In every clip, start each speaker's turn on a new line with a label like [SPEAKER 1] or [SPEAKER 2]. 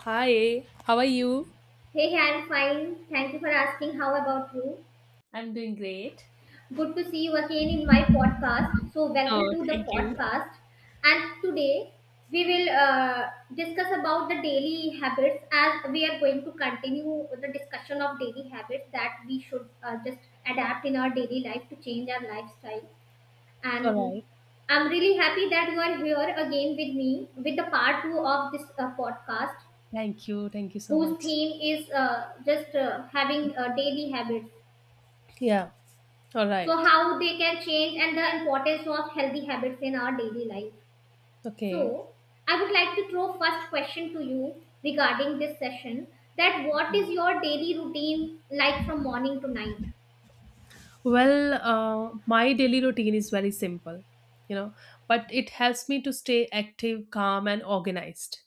[SPEAKER 1] Hi, how are you?
[SPEAKER 2] Hey, hey, I'm fine. Thank you for asking. How about you?
[SPEAKER 1] I'm doing great.
[SPEAKER 2] Good to see you again in my podcast. So, welcome
[SPEAKER 1] Oh,
[SPEAKER 2] to the
[SPEAKER 1] thank you.
[SPEAKER 2] podcast. And today we will discuss about the daily habits as we are going to continue the discussion of daily habits that we should just adapt in our daily life to change our lifestyle.
[SPEAKER 1] All
[SPEAKER 2] And
[SPEAKER 1] right.
[SPEAKER 2] I'm really happy that you are here again with me with the part two of this podcast,
[SPEAKER 1] Thank you. Thank you so
[SPEAKER 2] whose
[SPEAKER 1] much.
[SPEAKER 2] theme is just having daily habits.
[SPEAKER 1] Yeah. All
[SPEAKER 2] So
[SPEAKER 1] right.
[SPEAKER 2] how they can change and the importance of healthy habits in our daily life. So
[SPEAKER 1] Okay.
[SPEAKER 2] I would like to throw first question to you regarding this session, that what is your daily routine like from morning to night?
[SPEAKER 1] Well, my daily routine is very simple, you know, but it helps me to stay active, calm, and organized.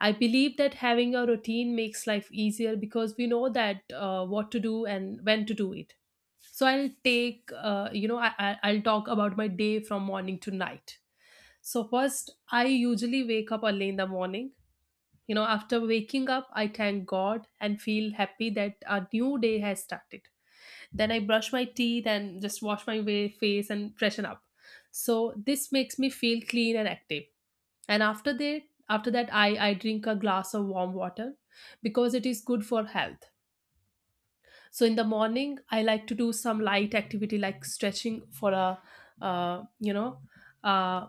[SPEAKER 1] I believe that having a routine makes life easier because we know that what to do and when to do it. So I'll take, I'll talk about my day from morning to night. So first, I usually wake up early in the morning. You know, after waking up, I thank God and feel happy that a new day has started. Then I brush my teeth and just wash my face and freshen up. So this makes me feel clean and active. And after that, I drink a glass of warm water because it is good for health. So in the morning, I like to do some light activity like stretching for a, you know, uh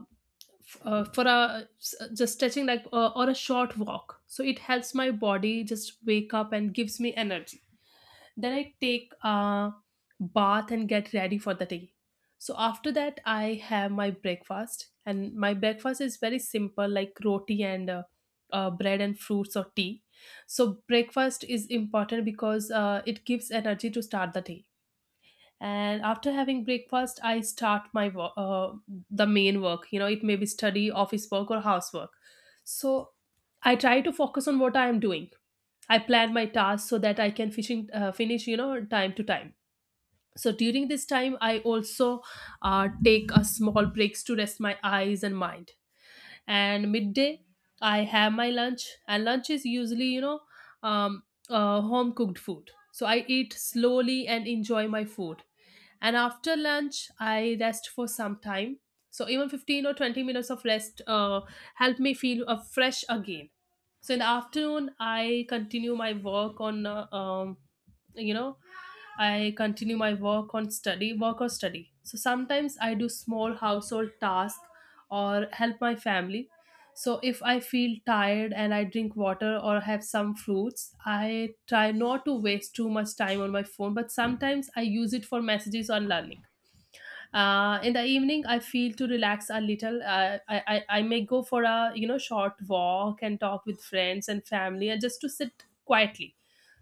[SPEAKER 1] for a just stretching like, or a short walk, so it helps my body just wake up and gives me energy. Then I take a bath and get ready for the day. So after that I have my breakfast, and my breakfast is very simple, like roti and bread and fruits or tea. So breakfast is important because it gives energy to start the day. And after having breakfast I start my work, the main work, you know. It may be study, office work, or housework. So I try to focus on what I am doing. I plan my tasks so that I can finish, you know, time to time. So during this time I also take a small breaks to rest my eyes and mind. And midday I have my lunch, and lunch is usually, you know, um, home cooked food, so I eat slowly and enjoy my food. And after lunch I rest for some time. So even 15 or 20 minutes of rest help me feel fresh again. So in the afternoon I continue my work on you know I continue my work on study work or study. So sometimes I do small household task or help my family. So if I feel tired and I drink water or have some fruits, I try not to waste too much time on my phone, but sometimes I use it for messages or learning. In the evening, I feel to relax a little. I may go for a, you know, short walk and talk with friends and family and just to sit quietly.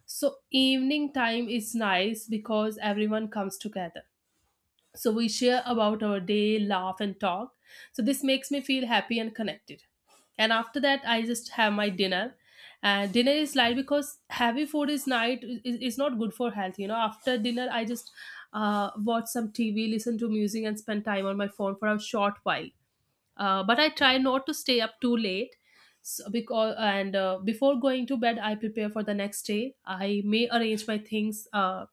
[SPEAKER 1] So evening time is nice because everyone comes together, so we share about our day, laugh, and talk. So this makes me feel happy and connected. And after that, I just have my dinner. And dinner is light because heavy food is night is not good for health. You know, after dinner, I just watch some TV, listen to music, and spend time on my phone for a short while, but I try not to stay up too late. So because and uh, before going to bed I prepare for the next day. I may arrange my things, uh,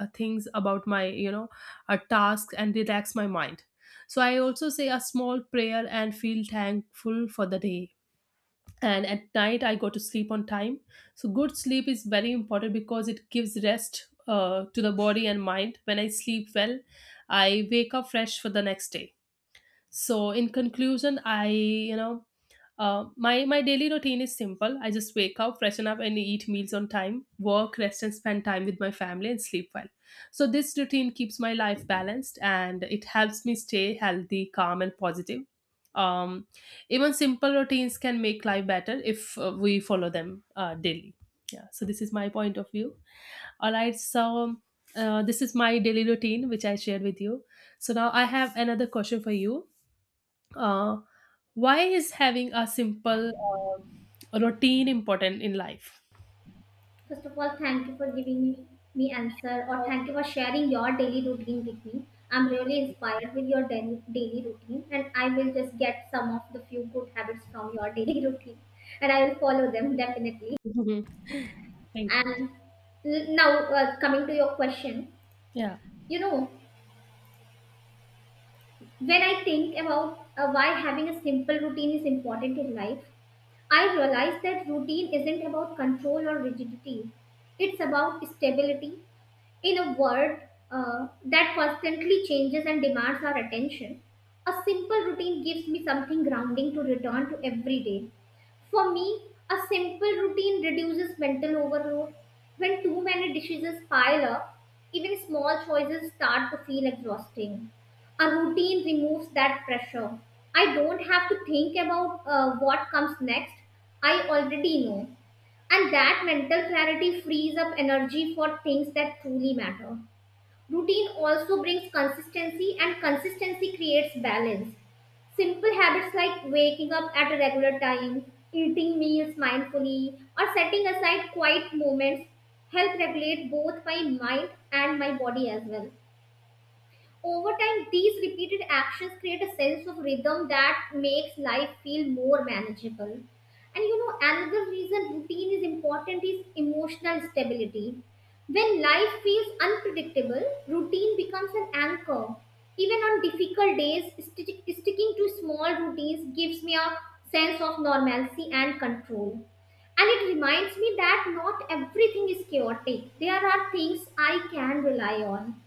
[SPEAKER 1] uh, things about my, you know, tasks, and relax my mind. So I also say a small prayer and feel thankful for the day. And at night I go to sleep on time. So good sleep is very important because it gives rest to the body and mind. When I sleep well, I wake up fresh for the next day. So in conclusion, I you know my my daily routine is simple. I just wake up, freshen up, and eat meals on time, work, rest, and spend time with my family, and sleep well. So this routine keeps my life balanced, and it helps me stay healthy, calm, and positive. um, even simple routines can make life better if we follow them daily. Yeah, so this is my point of view. All right, so, this is my daily routine which I shared with you. So now I have another question for you. uh, why is having a simple routine important in life?
[SPEAKER 2] First of all, thank you for giving me answer, or thank you for sharing your daily routine with me. I'm really inspired with your daily routine and I will just get some of the few good habits from your daily routine and I will follow them definitely.
[SPEAKER 1] Mhm. Thank you.
[SPEAKER 2] Now coming to your question.
[SPEAKER 1] Yeah.
[SPEAKER 2] You know, when I think about why having a simple routine is important in life, I realize that routine isn't about control or rigidity. It's about stability in a world that constantly changes and demands our attention, a simple routine gives me something grounding to return to every day. For me, a simple routine reduces mental overload. When too many decisions pile up, even small choices start to feel exhausting. A routine removes that pressure. I don't have to think about what comes next. I already know. And that mental clarity frees up energy for things that truly matter. Routine also brings consistency, and consistency creates balance. Simple habits like waking up at a regular time, eating meals mindfully, or setting aside quiet moments help regulate both my mind and my body as well. Over time, these repeated actions create a sense of rhythm that makes life feel more manageable. And you know, another reason routine is important is emotional stability. When life feels unpredictable, routine becomes an anchor. Even on difficult days, sticking to small routines gives me a sense of normalcy and control. And it reminds me that not everything is chaotic. There are things I can rely on.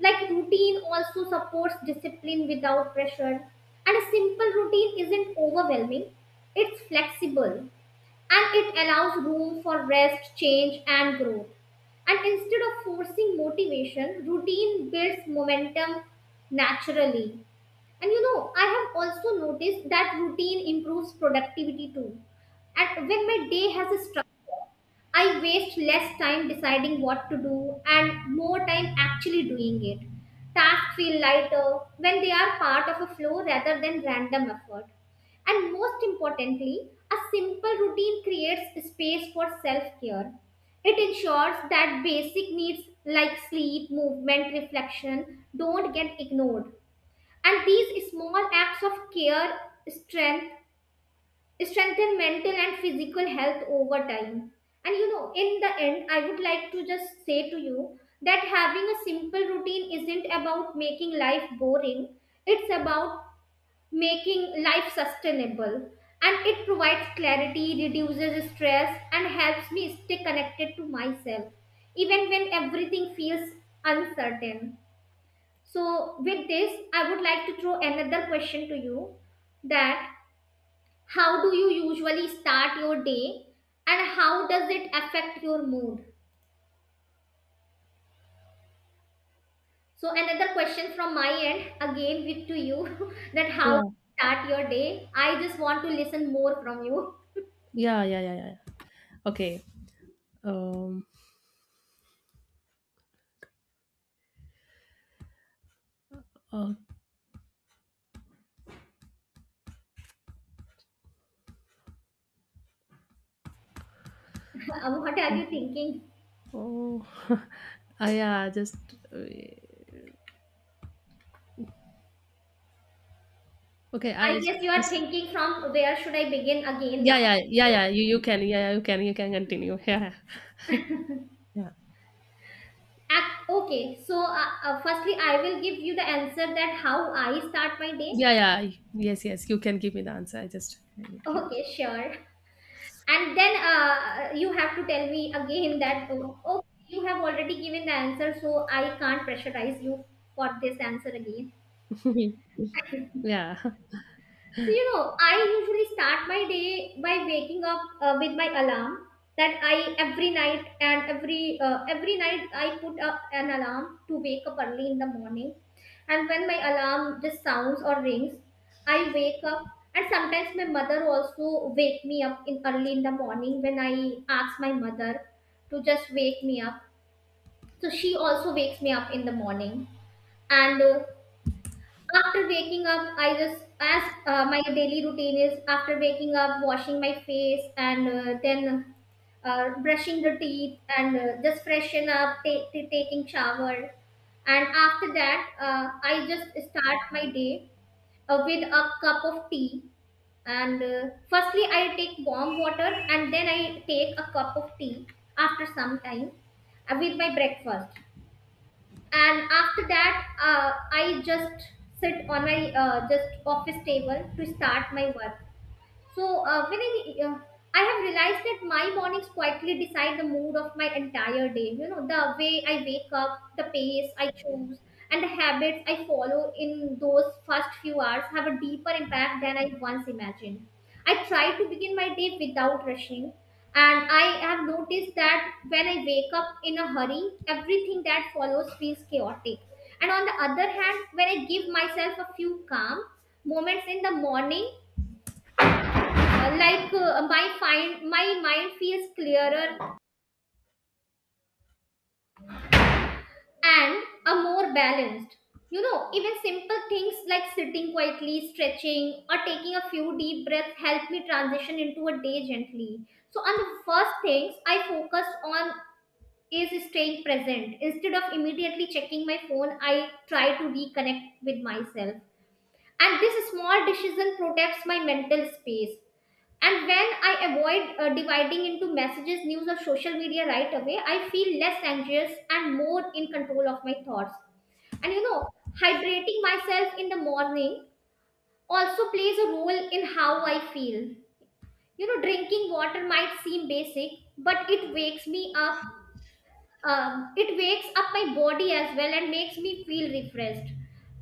[SPEAKER 2] Like routine also supports discipline without pressure. And a simple routine isn't overwhelming, it's flexible and it allows room for rest, change, and growth. And instead of forcing motivation, routine builds momentum naturally. And you know, I have also noticed that routine improves productivity too. And when my day has a structure, I waste less time deciding what to do and more time actually doing it. Tasks feel lighter when they are part of a flow rather than random effort. And most importantly, a simple routine creates space for self care. It ensures that basic needs like sleep, movement, reflection don't get ignored and these small acts of care strength strengthen mental and physical health over time. And you know, in the end, I would like to just say to you that having a simple routine isn't about making life boring, it's about making life sustainable. And it provides clarity, reduces stress, and helps me stay connected to myself, even when everything feels uncertain. So, with this, I would like to throw another question to you, that how do you usually start your day and how does it affect your mood? So, another question from my end again with to you that how to
[SPEAKER 1] Yeah.
[SPEAKER 2] start your day. I just want to listen more from you.
[SPEAKER 1] Yeah. Yeah. Yeah. Yeah. Yeah. Okay. Um. Uh,
[SPEAKER 2] What are you thinking?
[SPEAKER 1] oh. Yeah. Just. uh, okay. I
[SPEAKER 2] I
[SPEAKER 1] just.
[SPEAKER 2] guess you are thinking, from where should I begin again
[SPEAKER 1] Yeah.
[SPEAKER 2] now?
[SPEAKER 1] Yeah. Yeah. Yeah. You. You can. Yeah. Yeah, you can. You can continue. Yeah. Yeah.
[SPEAKER 2] Firstly, I will give you the answer that how I start my day.
[SPEAKER 1] Yeah, yeah. Yes, yes. You can give me the answer. I just give
[SPEAKER 2] Okay, sure. And then you have to tell me again that, oh, oh, you have already given the answer, so I can't pressurize you for this answer again.
[SPEAKER 1] it. Yeah,
[SPEAKER 2] So, you know, I usually start my day by waking up with my alarm that I every night and every night I put up an alarm to wake up early in the morning. And when my alarm just sounds or rings, I wake up. And sometimes my mother also wake me up in early in the morning when I ask my mother to just wake me up. So she also wakes me up in the morning and after waking up I just, as my daily routine is, after waking up washing my face and then brushing the teeth and just freshen up, taking shower, and after that I just start my day with a cup of tea, and firstly I take warm water and then I take a cup of tea after some time with my breakfast. And after that I just sit on my just office table to start my work. So I have realized that my mornings quietly decide the mood of my entire day. You know, the way I wake up, the pace I choose, and the habits I follow in those first few hours have a deeper impact than I once imagined. I try to begin my day without rushing. And I have noticed that when I wake up in a hurry, everything that follows feels chaotic. And on the other hand, when I give myself a few calm moments in the morning, like my find my mind feels clearer and a more balanced. You know, even simple things like sitting quietly, stretching, or taking a few deep breaths help me transition into a day gently. So on the first things I focus on is staying present. Instead of immediately checking my phone, I try to reconnect with myself, and this small decision protects my mental space. And when I avoid dividing into messages, news, or social media right away, I feel less anxious and more in control of my thoughts. And you know, hydrating myself in the morning also plays a role in how I feel. You know, drinking water might seem basic, but it wakes me up. It wakes up my body as well and makes me feel refreshed.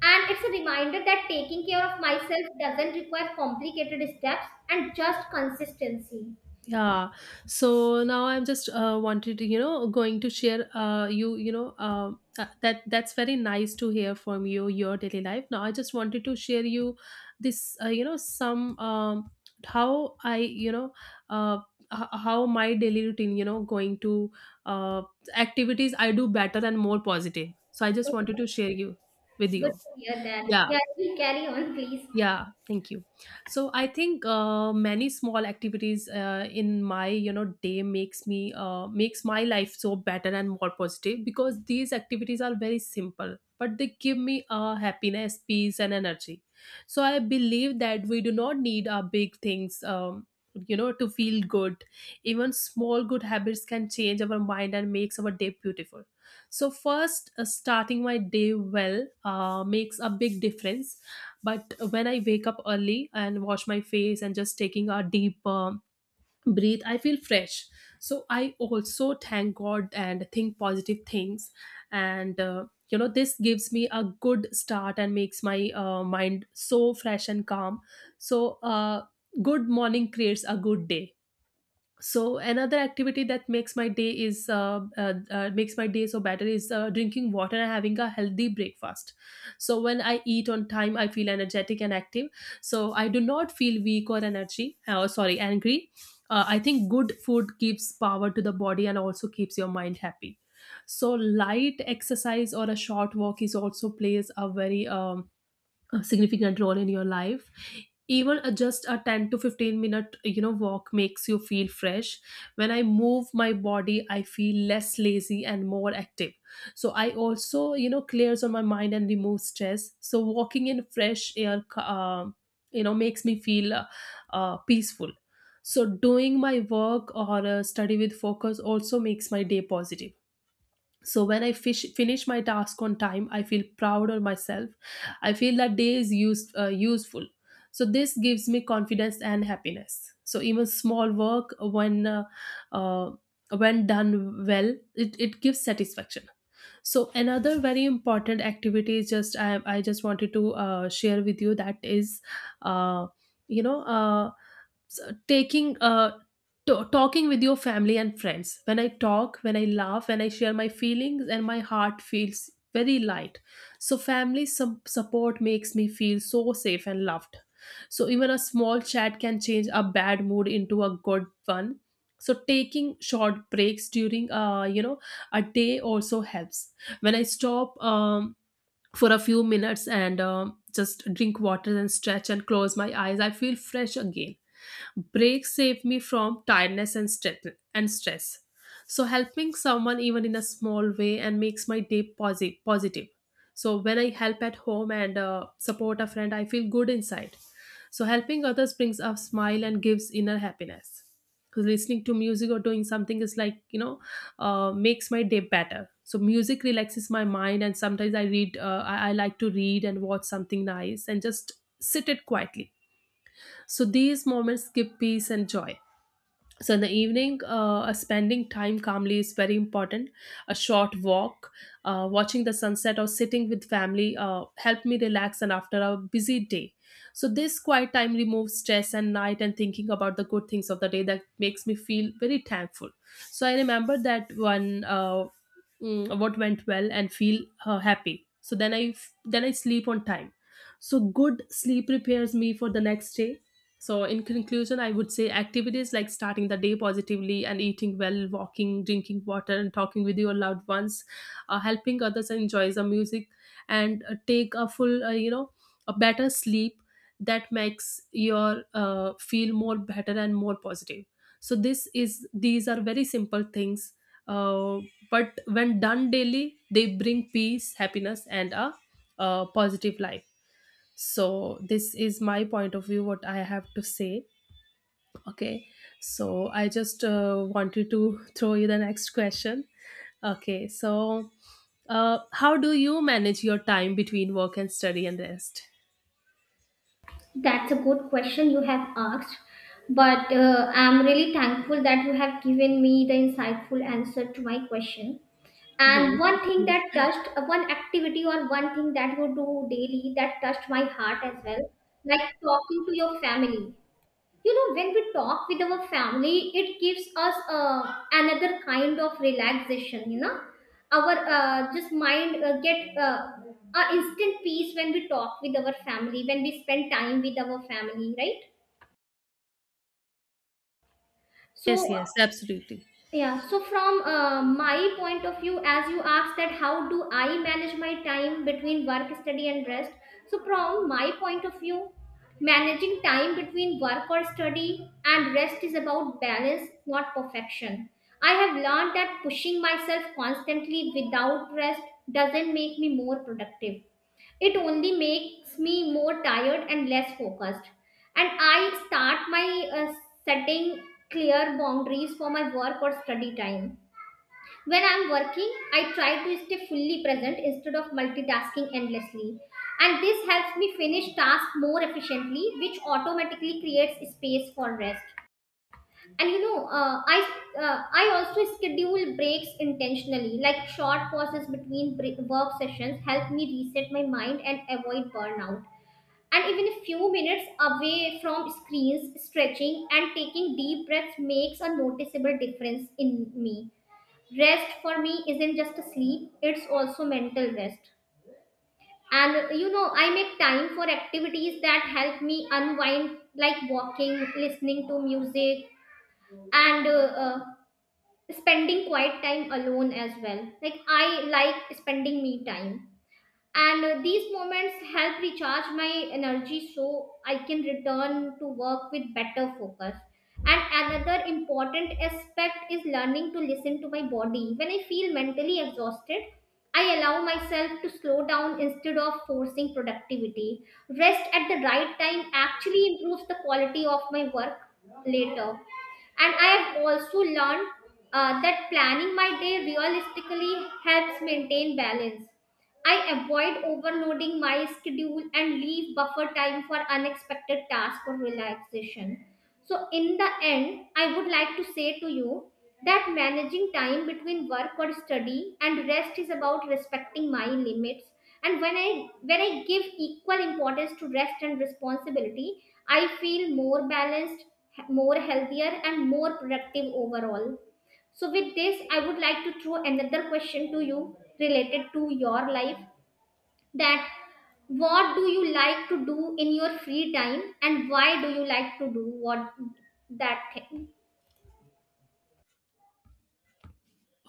[SPEAKER 2] And it's a reminder that taking care of myself doesn't require complicated steps and just consistency.
[SPEAKER 1] yeah. So now I'm just wanted to, you know, going to share that that's very nice to hear from you, your daily life. Now I just wanted to share you this, you know, some how I, you know, uh, how my daily routine, you know, going to uh, activities I do better and more positive. So I just wanted to share you with
[SPEAKER 2] Good
[SPEAKER 1] you.
[SPEAKER 2] to hear that.
[SPEAKER 1] Yeah.
[SPEAKER 2] Yeah, you carry on, please.
[SPEAKER 1] Yeah, thank you. So I think many small activities in my, you know, day makes me makes my life so better and more positive, because these activities are very simple but they give me happiness, peace, and energy. So I believe that we do not need our big things, you know, to feel good. Even small good habits can change our mind and makes our day beautiful. So first, starting my day well makes a big difference. But when I wake up early and wash my face and just taking a deep breathe, I feel fresh. So I also thank God and think positive things. And you know, this gives me a good start and makes my mind so fresh and calm. So uh, good morning creates a good day. So another activity that makes my day is makes my day so better is drinking water and having a healthy breakfast. So when I eat on time I feel energetic and active. So I do not feel weak or energy, sorry, angry. I think good food gives power to the body and also keeps your mind happy. So light exercise or a short walk is also plays a very a significant role in your life. Even just a 10 to 15 minute, you know, walk makes you feel fresh. When I move my body I feel less lazy and more active. So I also, you know, clears on my mind and removes stress. So walking in fresh air, you know, makes me feel peaceful. So doing my work or study with focus also makes my day positive. So when I finish my task on time I feel proud of myself. I feel that day is useful. So this gives me confidence and happiness. So even small work uh, when done well, it gives satisfaction. So another very important activity is just I just wanted to share with you that is, uh, you know uh, so taking uh talking with your family and friends. When I talk, when I laugh, when I share my feelings, and my heart feels very light. So family some support makes me feel so safe and loved. So even a small chat can change a bad mood into a good one. So taking short breaks during, you know, a day also helps. When I stop for a few minutes and just drink water and stretch and close my eyes, I feel fresh again. Breaks save me from tiredness and stress. So helping someone even in a small way and makes my day positive. So when I help at home and support a friend, I feel good inside. So helping others brings a smile and gives inner happiness. Because listening to music or doing something is like, you know, makes my day better. So music relaxes my mind, and sometimes I read. I like to read and watch something nice and just sit it quietly, so these moments give peace and joy. So in the evening, spending time calmly is very important. A short walk, watching the sunset, or sitting with family help me relax. And after a busy day, so this quiet time removes stress. And night and thinking about the good things of the day, that makes me feel very thankful. So I remember that one what went well and feel happy. So then then I sleep on time. So good sleep prepares me for the next day. So, in conclusion, I would say activities like starting the day positively and eating well, walking, drinking water, and talking with your loved ones, helping others enjoy the music, and take a full, a better sleep that makes your feel more better and more positive. So, this is these are very simple things, uh, but when done daily, they bring peace, happiness, and a positive life. So this is my point of view what I have to say. Okay. So I just wanted to throw you the next question. Okay, so how do you manage your time between work and study and rest?
[SPEAKER 2] That's a good question you have asked. But I'm really thankful that you have given me the insightful answer to my question. And
[SPEAKER 1] Mhm.
[SPEAKER 2] one thing that touched, one activity or one thing that you do daily that touched my heart as well, like talking to your family. You know, when we talk with our family it gives us another kind of relaxation. You know, our just mind get a instant peace when we talk with our family, when we spend time with our family, right?
[SPEAKER 1] Yes,
[SPEAKER 2] So
[SPEAKER 1] yes, absolutely.
[SPEAKER 2] yeah, so from my point of view, as you asked that how do I manage my time between work, study, and rest? So from my point of view, managing time between work or study and rest is about balance, not perfection. I have learned that pushing myself constantly without rest doesn't make me more productive, it only makes me more tired and less focused. And I start my setting clear boundaries for my work or study time. When I'm working, I try to stay fully present instead of multitasking endlessly. And this helps me finish tasks more efficiently, which automatically creates space for rest. And you know, I also schedule breaks intentionally, like short pauses between work sessions help me reset my mind and avoid burnout. And even a few minutes away from screens, stretching and taking deep breaths makes a noticeable difference in me. Rest for me isn't just a sleep, it's also mental rest. And you know, I make time for activities that help me unwind, like walking, listening to music, and spending quiet time alone as well, like I like spending me time. And these moments help recharge my energy so I can return to work with better focus. And another important aspect is learning to listen to my body. When I feel mentally exhausted, I allow myself to slow down instead of forcing productivity. Rest at the right time actually improves the quality of my work later. And I have also learned that planning my day realistically helps maintain balance. I avoid overloading my schedule and leave buffer time for unexpected tasks or relaxation. So, in the end, I would like to say to you that managing time between work or study and rest is about respecting my limits. And when I give equal importance to rest and responsibility, I feel more balanced, more healthier, and more productive overall. So, with this, I would like to throw another question to you related to your life, that what do you like to do in your free time and why do you like to do what that thing.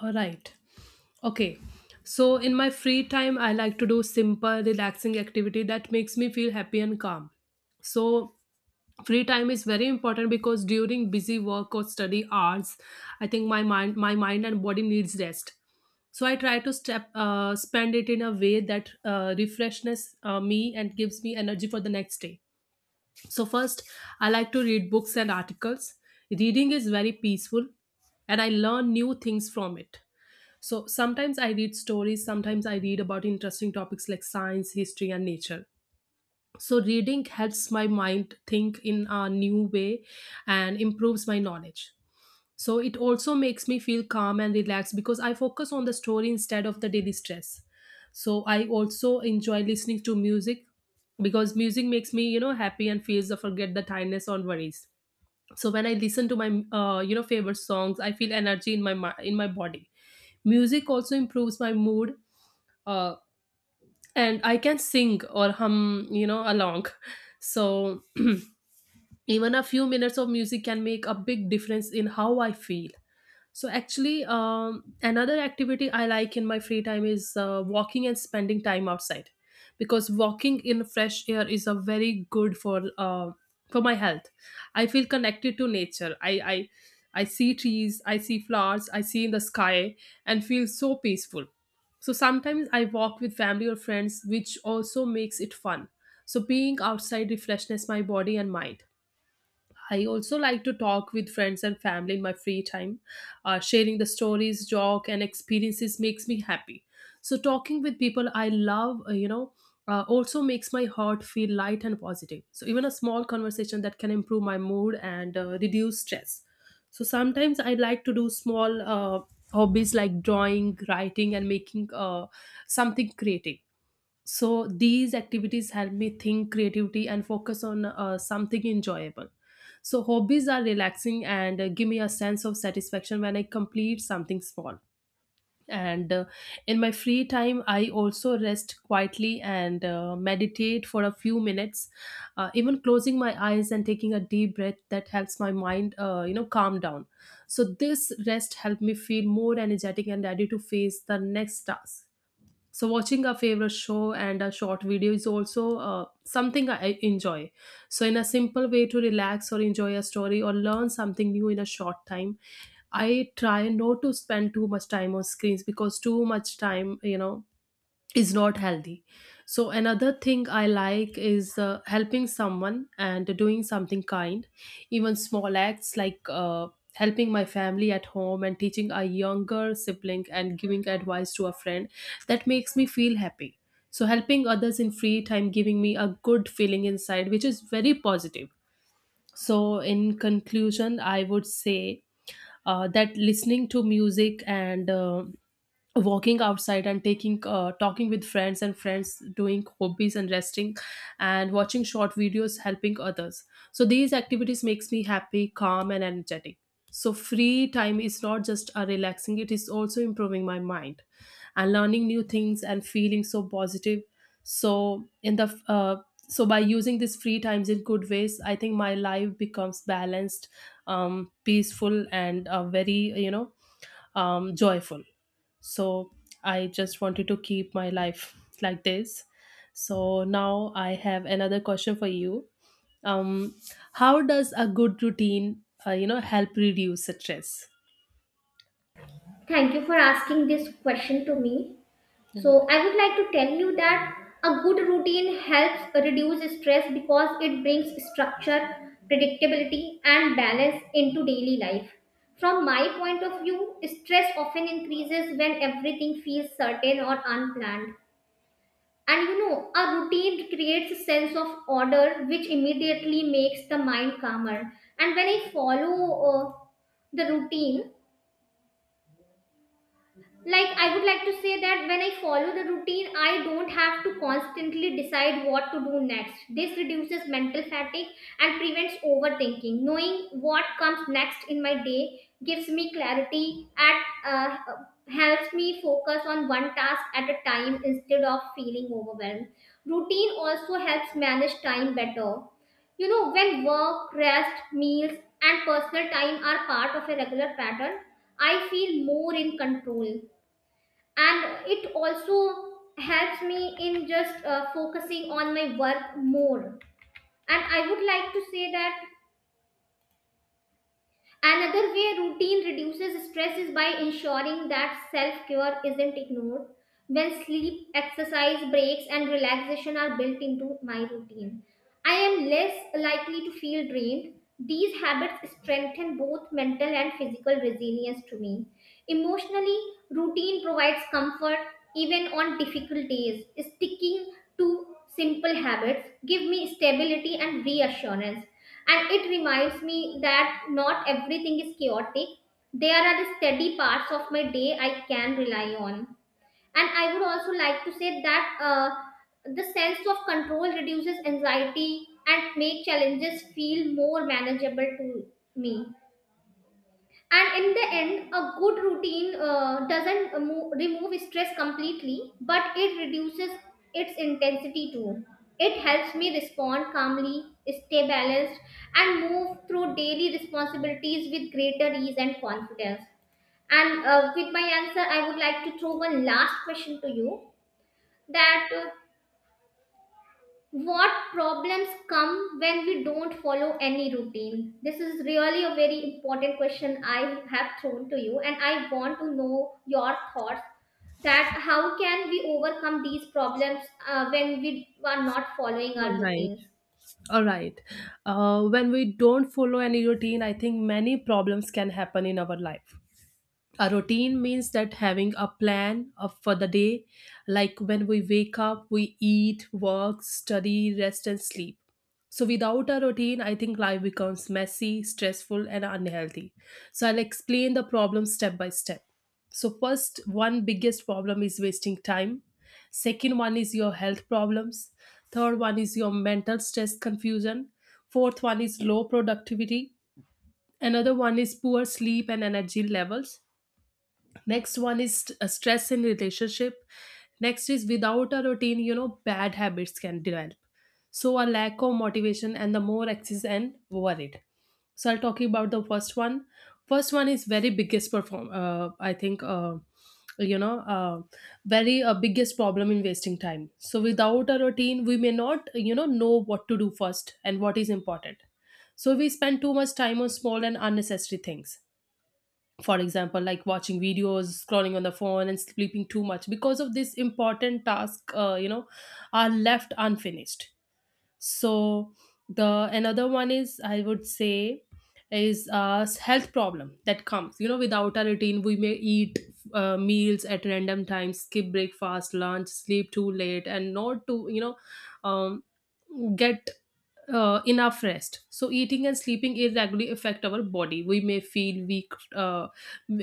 [SPEAKER 1] All right. Okay. So in my free time I like to do simple relaxing activity that makes me feel happy and calm. So free time is very important because during busy work or study hours I think my mind and body needs rest. So I try to step spend it in a way that refreshes me and gives me energy for the next day. So first, I like to read books and articles. Reading is very peaceful and I learn new things from it. So sometimes I read stories, sometimes I read about interesting topics like science, history, and nature. So, reading helps my mind think in a new way and improves my knowledge. So, it also makes me feel calm and relaxed because I focus on the story instead of the daily stress. So, I also enjoy listening to music because music makes me happy and feels to forget the tiredness or worries. So, when I listen to my, favorite songs, I feel energy in my body. Music also improves my mood. Uh, and I can sing or hum along. So even a few minutes of music can make a big difference in how I feel. So actually, another activity I like in my free time is walking and spending time outside, because walking in fresh air is a very good for my health. I feel connected to nature. I see trees, I see flowers, I see in the sky, and feel so peaceful. So sometimes I walk with family or friends, which also makes it fun. So being outside refreshes my body and mind. I also like to talk with friends and family in my free time. Sharing the stories, joke, and experiences makes me happy. So talking with people I love, also makes my heart feel light and positive. So even a small conversation that can improve my mood and reduce stress. So sometimes I like to do small hobbies like drawing, writing, and making something creative. So these activities help me think creativity and focus on something enjoyable. So hobbies are relaxing and give me a sense of satisfaction when I complete something small. And in my free time I also rest quietly and meditate for a few minutes. Even closing my eyes and taking a deep breath that helps my mind calm down. So this rest helped me feel more energetic and ready to face the next task. So watching a favorite show and a short video is also something I enjoy. So in a simple way to relax or enjoy a story or learn something new in a short time, I try not to spend too much time on screens because too much time is not healthy. So another thing I like is helping someone and doing something kind. Even small acts like helping my family at home and teaching a younger sibling and giving advice to a friend, that makes me feel happy. So helping others in free time giving me a good feeling inside which is very positive. So, in conclusion, I would say that listening to music and walking outside and taking talking with friends and friends, doing hobbies and resting and watching short videos, helping others. So these activities makes me happy, calm, and energetic. So free time is not just a relaxing, it is also improving my mind and learning new things and feeling so positive. so in the uh, so by using these free times in good ways I think my life becomes balanced, peaceful, and very joyful. So I just wanted to keep my life like this. So now I have another question for you. um, how does a good routine help reduce stress?
[SPEAKER 2] Thank you for asking this question to me. So
[SPEAKER 1] Right.
[SPEAKER 2] I would like to tell you that a good routine helps reduce stress because it brings structure, predictability, and balance into daily life. From my point of view, stress often increases when everything feels certain or unplanned. And you know, a routine creates a sense of order, which immediately makes the mind calmer. And when I follow the routine, like I would like to say that when I follow the routine, I don't have to constantly decide what to do next. This reduces mental fatigue and prevents overthinking. Knowing what comes next in my day gives me clarity and helps me focus on one task at a time instead of feeling overwhelmed. Routine also helps manage time better. You know, when work, rest, meals, and personal time are part of a regular pattern, I feel more in control, and it also helps me in just focusing on my work more. And I would like to say that another way routine reduces stress is by ensuring that self care isn't ignored. When sleep, exercise, breaks, and relaxation are built into my routine, I am less likely to feel drained. These habits strengthen both mental and physical resilience to me. Emotionally, routine provides comfort even on difficult days. Sticking to simple habits give me stability and reassurance, and it reminds me that not everything is chaotic. There are steady parts of my day I can rely on. And I would also like to say that the sense of control reduces anxiety and make challenges feel more manageable to me. And in the end, a good routine doesn't mo- remove stress completely, but it reduces its intensity too. It helps me respond calmly, stay balanced, and move through daily responsibilities with greater ease and confidence. And with my answer, I would like to throw one last question to you, that what problems come when we don't follow any routine. This is really a very important question I have thrown to you and I want to know your thoughts, that how can we overcome these problems when we are not following our
[SPEAKER 1] All right.
[SPEAKER 2] routines.
[SPEAKER 1] all right when we don't follow any routine I think many problems can happen in our life. A routine means that having a plan for the day, like when we wake up, we eat, work, study, rest, and sleep. So, without a routine, I think life becomes messy, stressful, and unhealthy. So, I'll explain the problem step by step. So, first, one biggest problem is wasting time. Second one is your health problems. Third one is your mental stress confusion. Fourth one is low productivity. Another one is poor sleep and energy levels. Next one is stress in relationship. Next is, without a routine, bad habits can develop. So a lack of motivation and the more anxious and worried. So I'll talk about the first one. First one is very biggest perform I think you know uh, very biggest problem in wasting time. So without a routine we may not know what to do first and what is important. So we spend too much time on small and unnecessary things. For example, like watching videos, scrolling on the phone, and sleeping too much, because of this important task, are left unfinished. So the another one is, I would say, is a health problem that comes without a routine. We may eat meals at random times, skip breakfast, lunch, sleep too late, and not to um, get enough rest. So eating and sleeping irregularly affect our body. We may feel weak. Uh,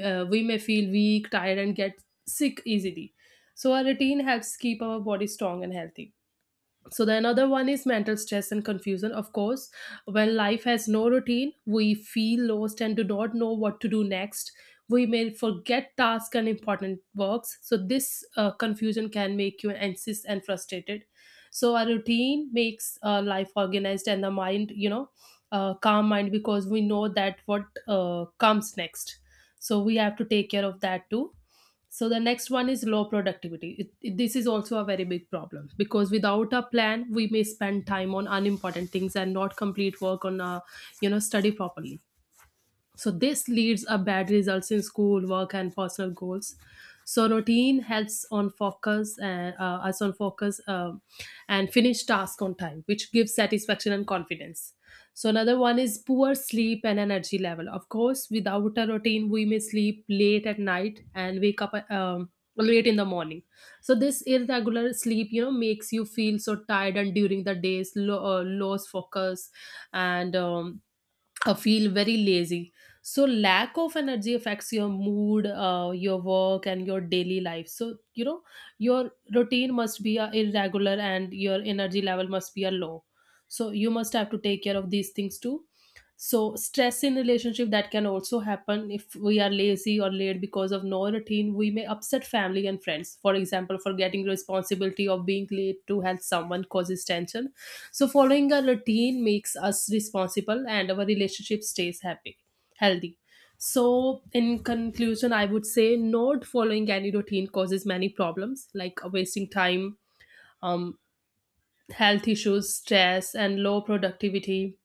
[SPEAKER 1] uh, We may feel weak, tired, and get sick easily. So our routine helps keep our body strong and healthy. So the another one is mental stress and confusion. Of course, when life has no routine, we feel lost and do not know what to do next. We may forget tasks and important works. So this confusion can make you anxious and frustrated. So a routine makes life organized and the calm mind because we know that what comes next. So we have to take care of that too. So the next one is low productivity. This is also a very big problem because without a plan, we may spend time on unimportant things and not complete work on, study properly. So this leads up bad results in school, work, and personal goals. So routine helps on focus and us on focus and finish task on time, which gives satisfaction and confidence. So another one is poor sleep and energy level. Of course, without a routine, we may sleep late at night and wake up late in the morning. So this irregular sleep makes you feel so tired and during the days, lost focus and. I feel very lazy. So lack of energy affects your mood, your work, and your daily life. So your routine must be irregular, and your energy level must be a low. So you must have to take care of these things too. So stress in relationship that can also happen if we are lazy or late because of no routine. We may upset family and friends. For example, forgetting responsibility of being late to help someone causes tension. So following a routine makes us responsible and our relationship stays happy, healthy. So in conclusion, I would say not following any routine causes many problems like wasting time, um, health issues, stress, and low productivity,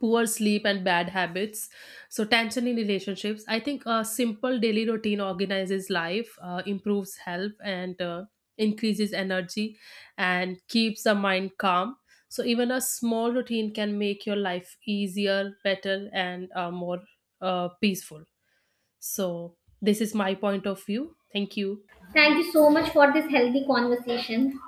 [SPEAKER 1] poor sleep and bad habits, so tension in relationships. I think a simple daily routine organizes life, improves health and increases energy and keeps the mind calm. So even a small routine can make your life easier, better, and more peaceful. So this is my point of view. Thank you.
[SPEAKER 2] Thank you so much for this healthy conversation.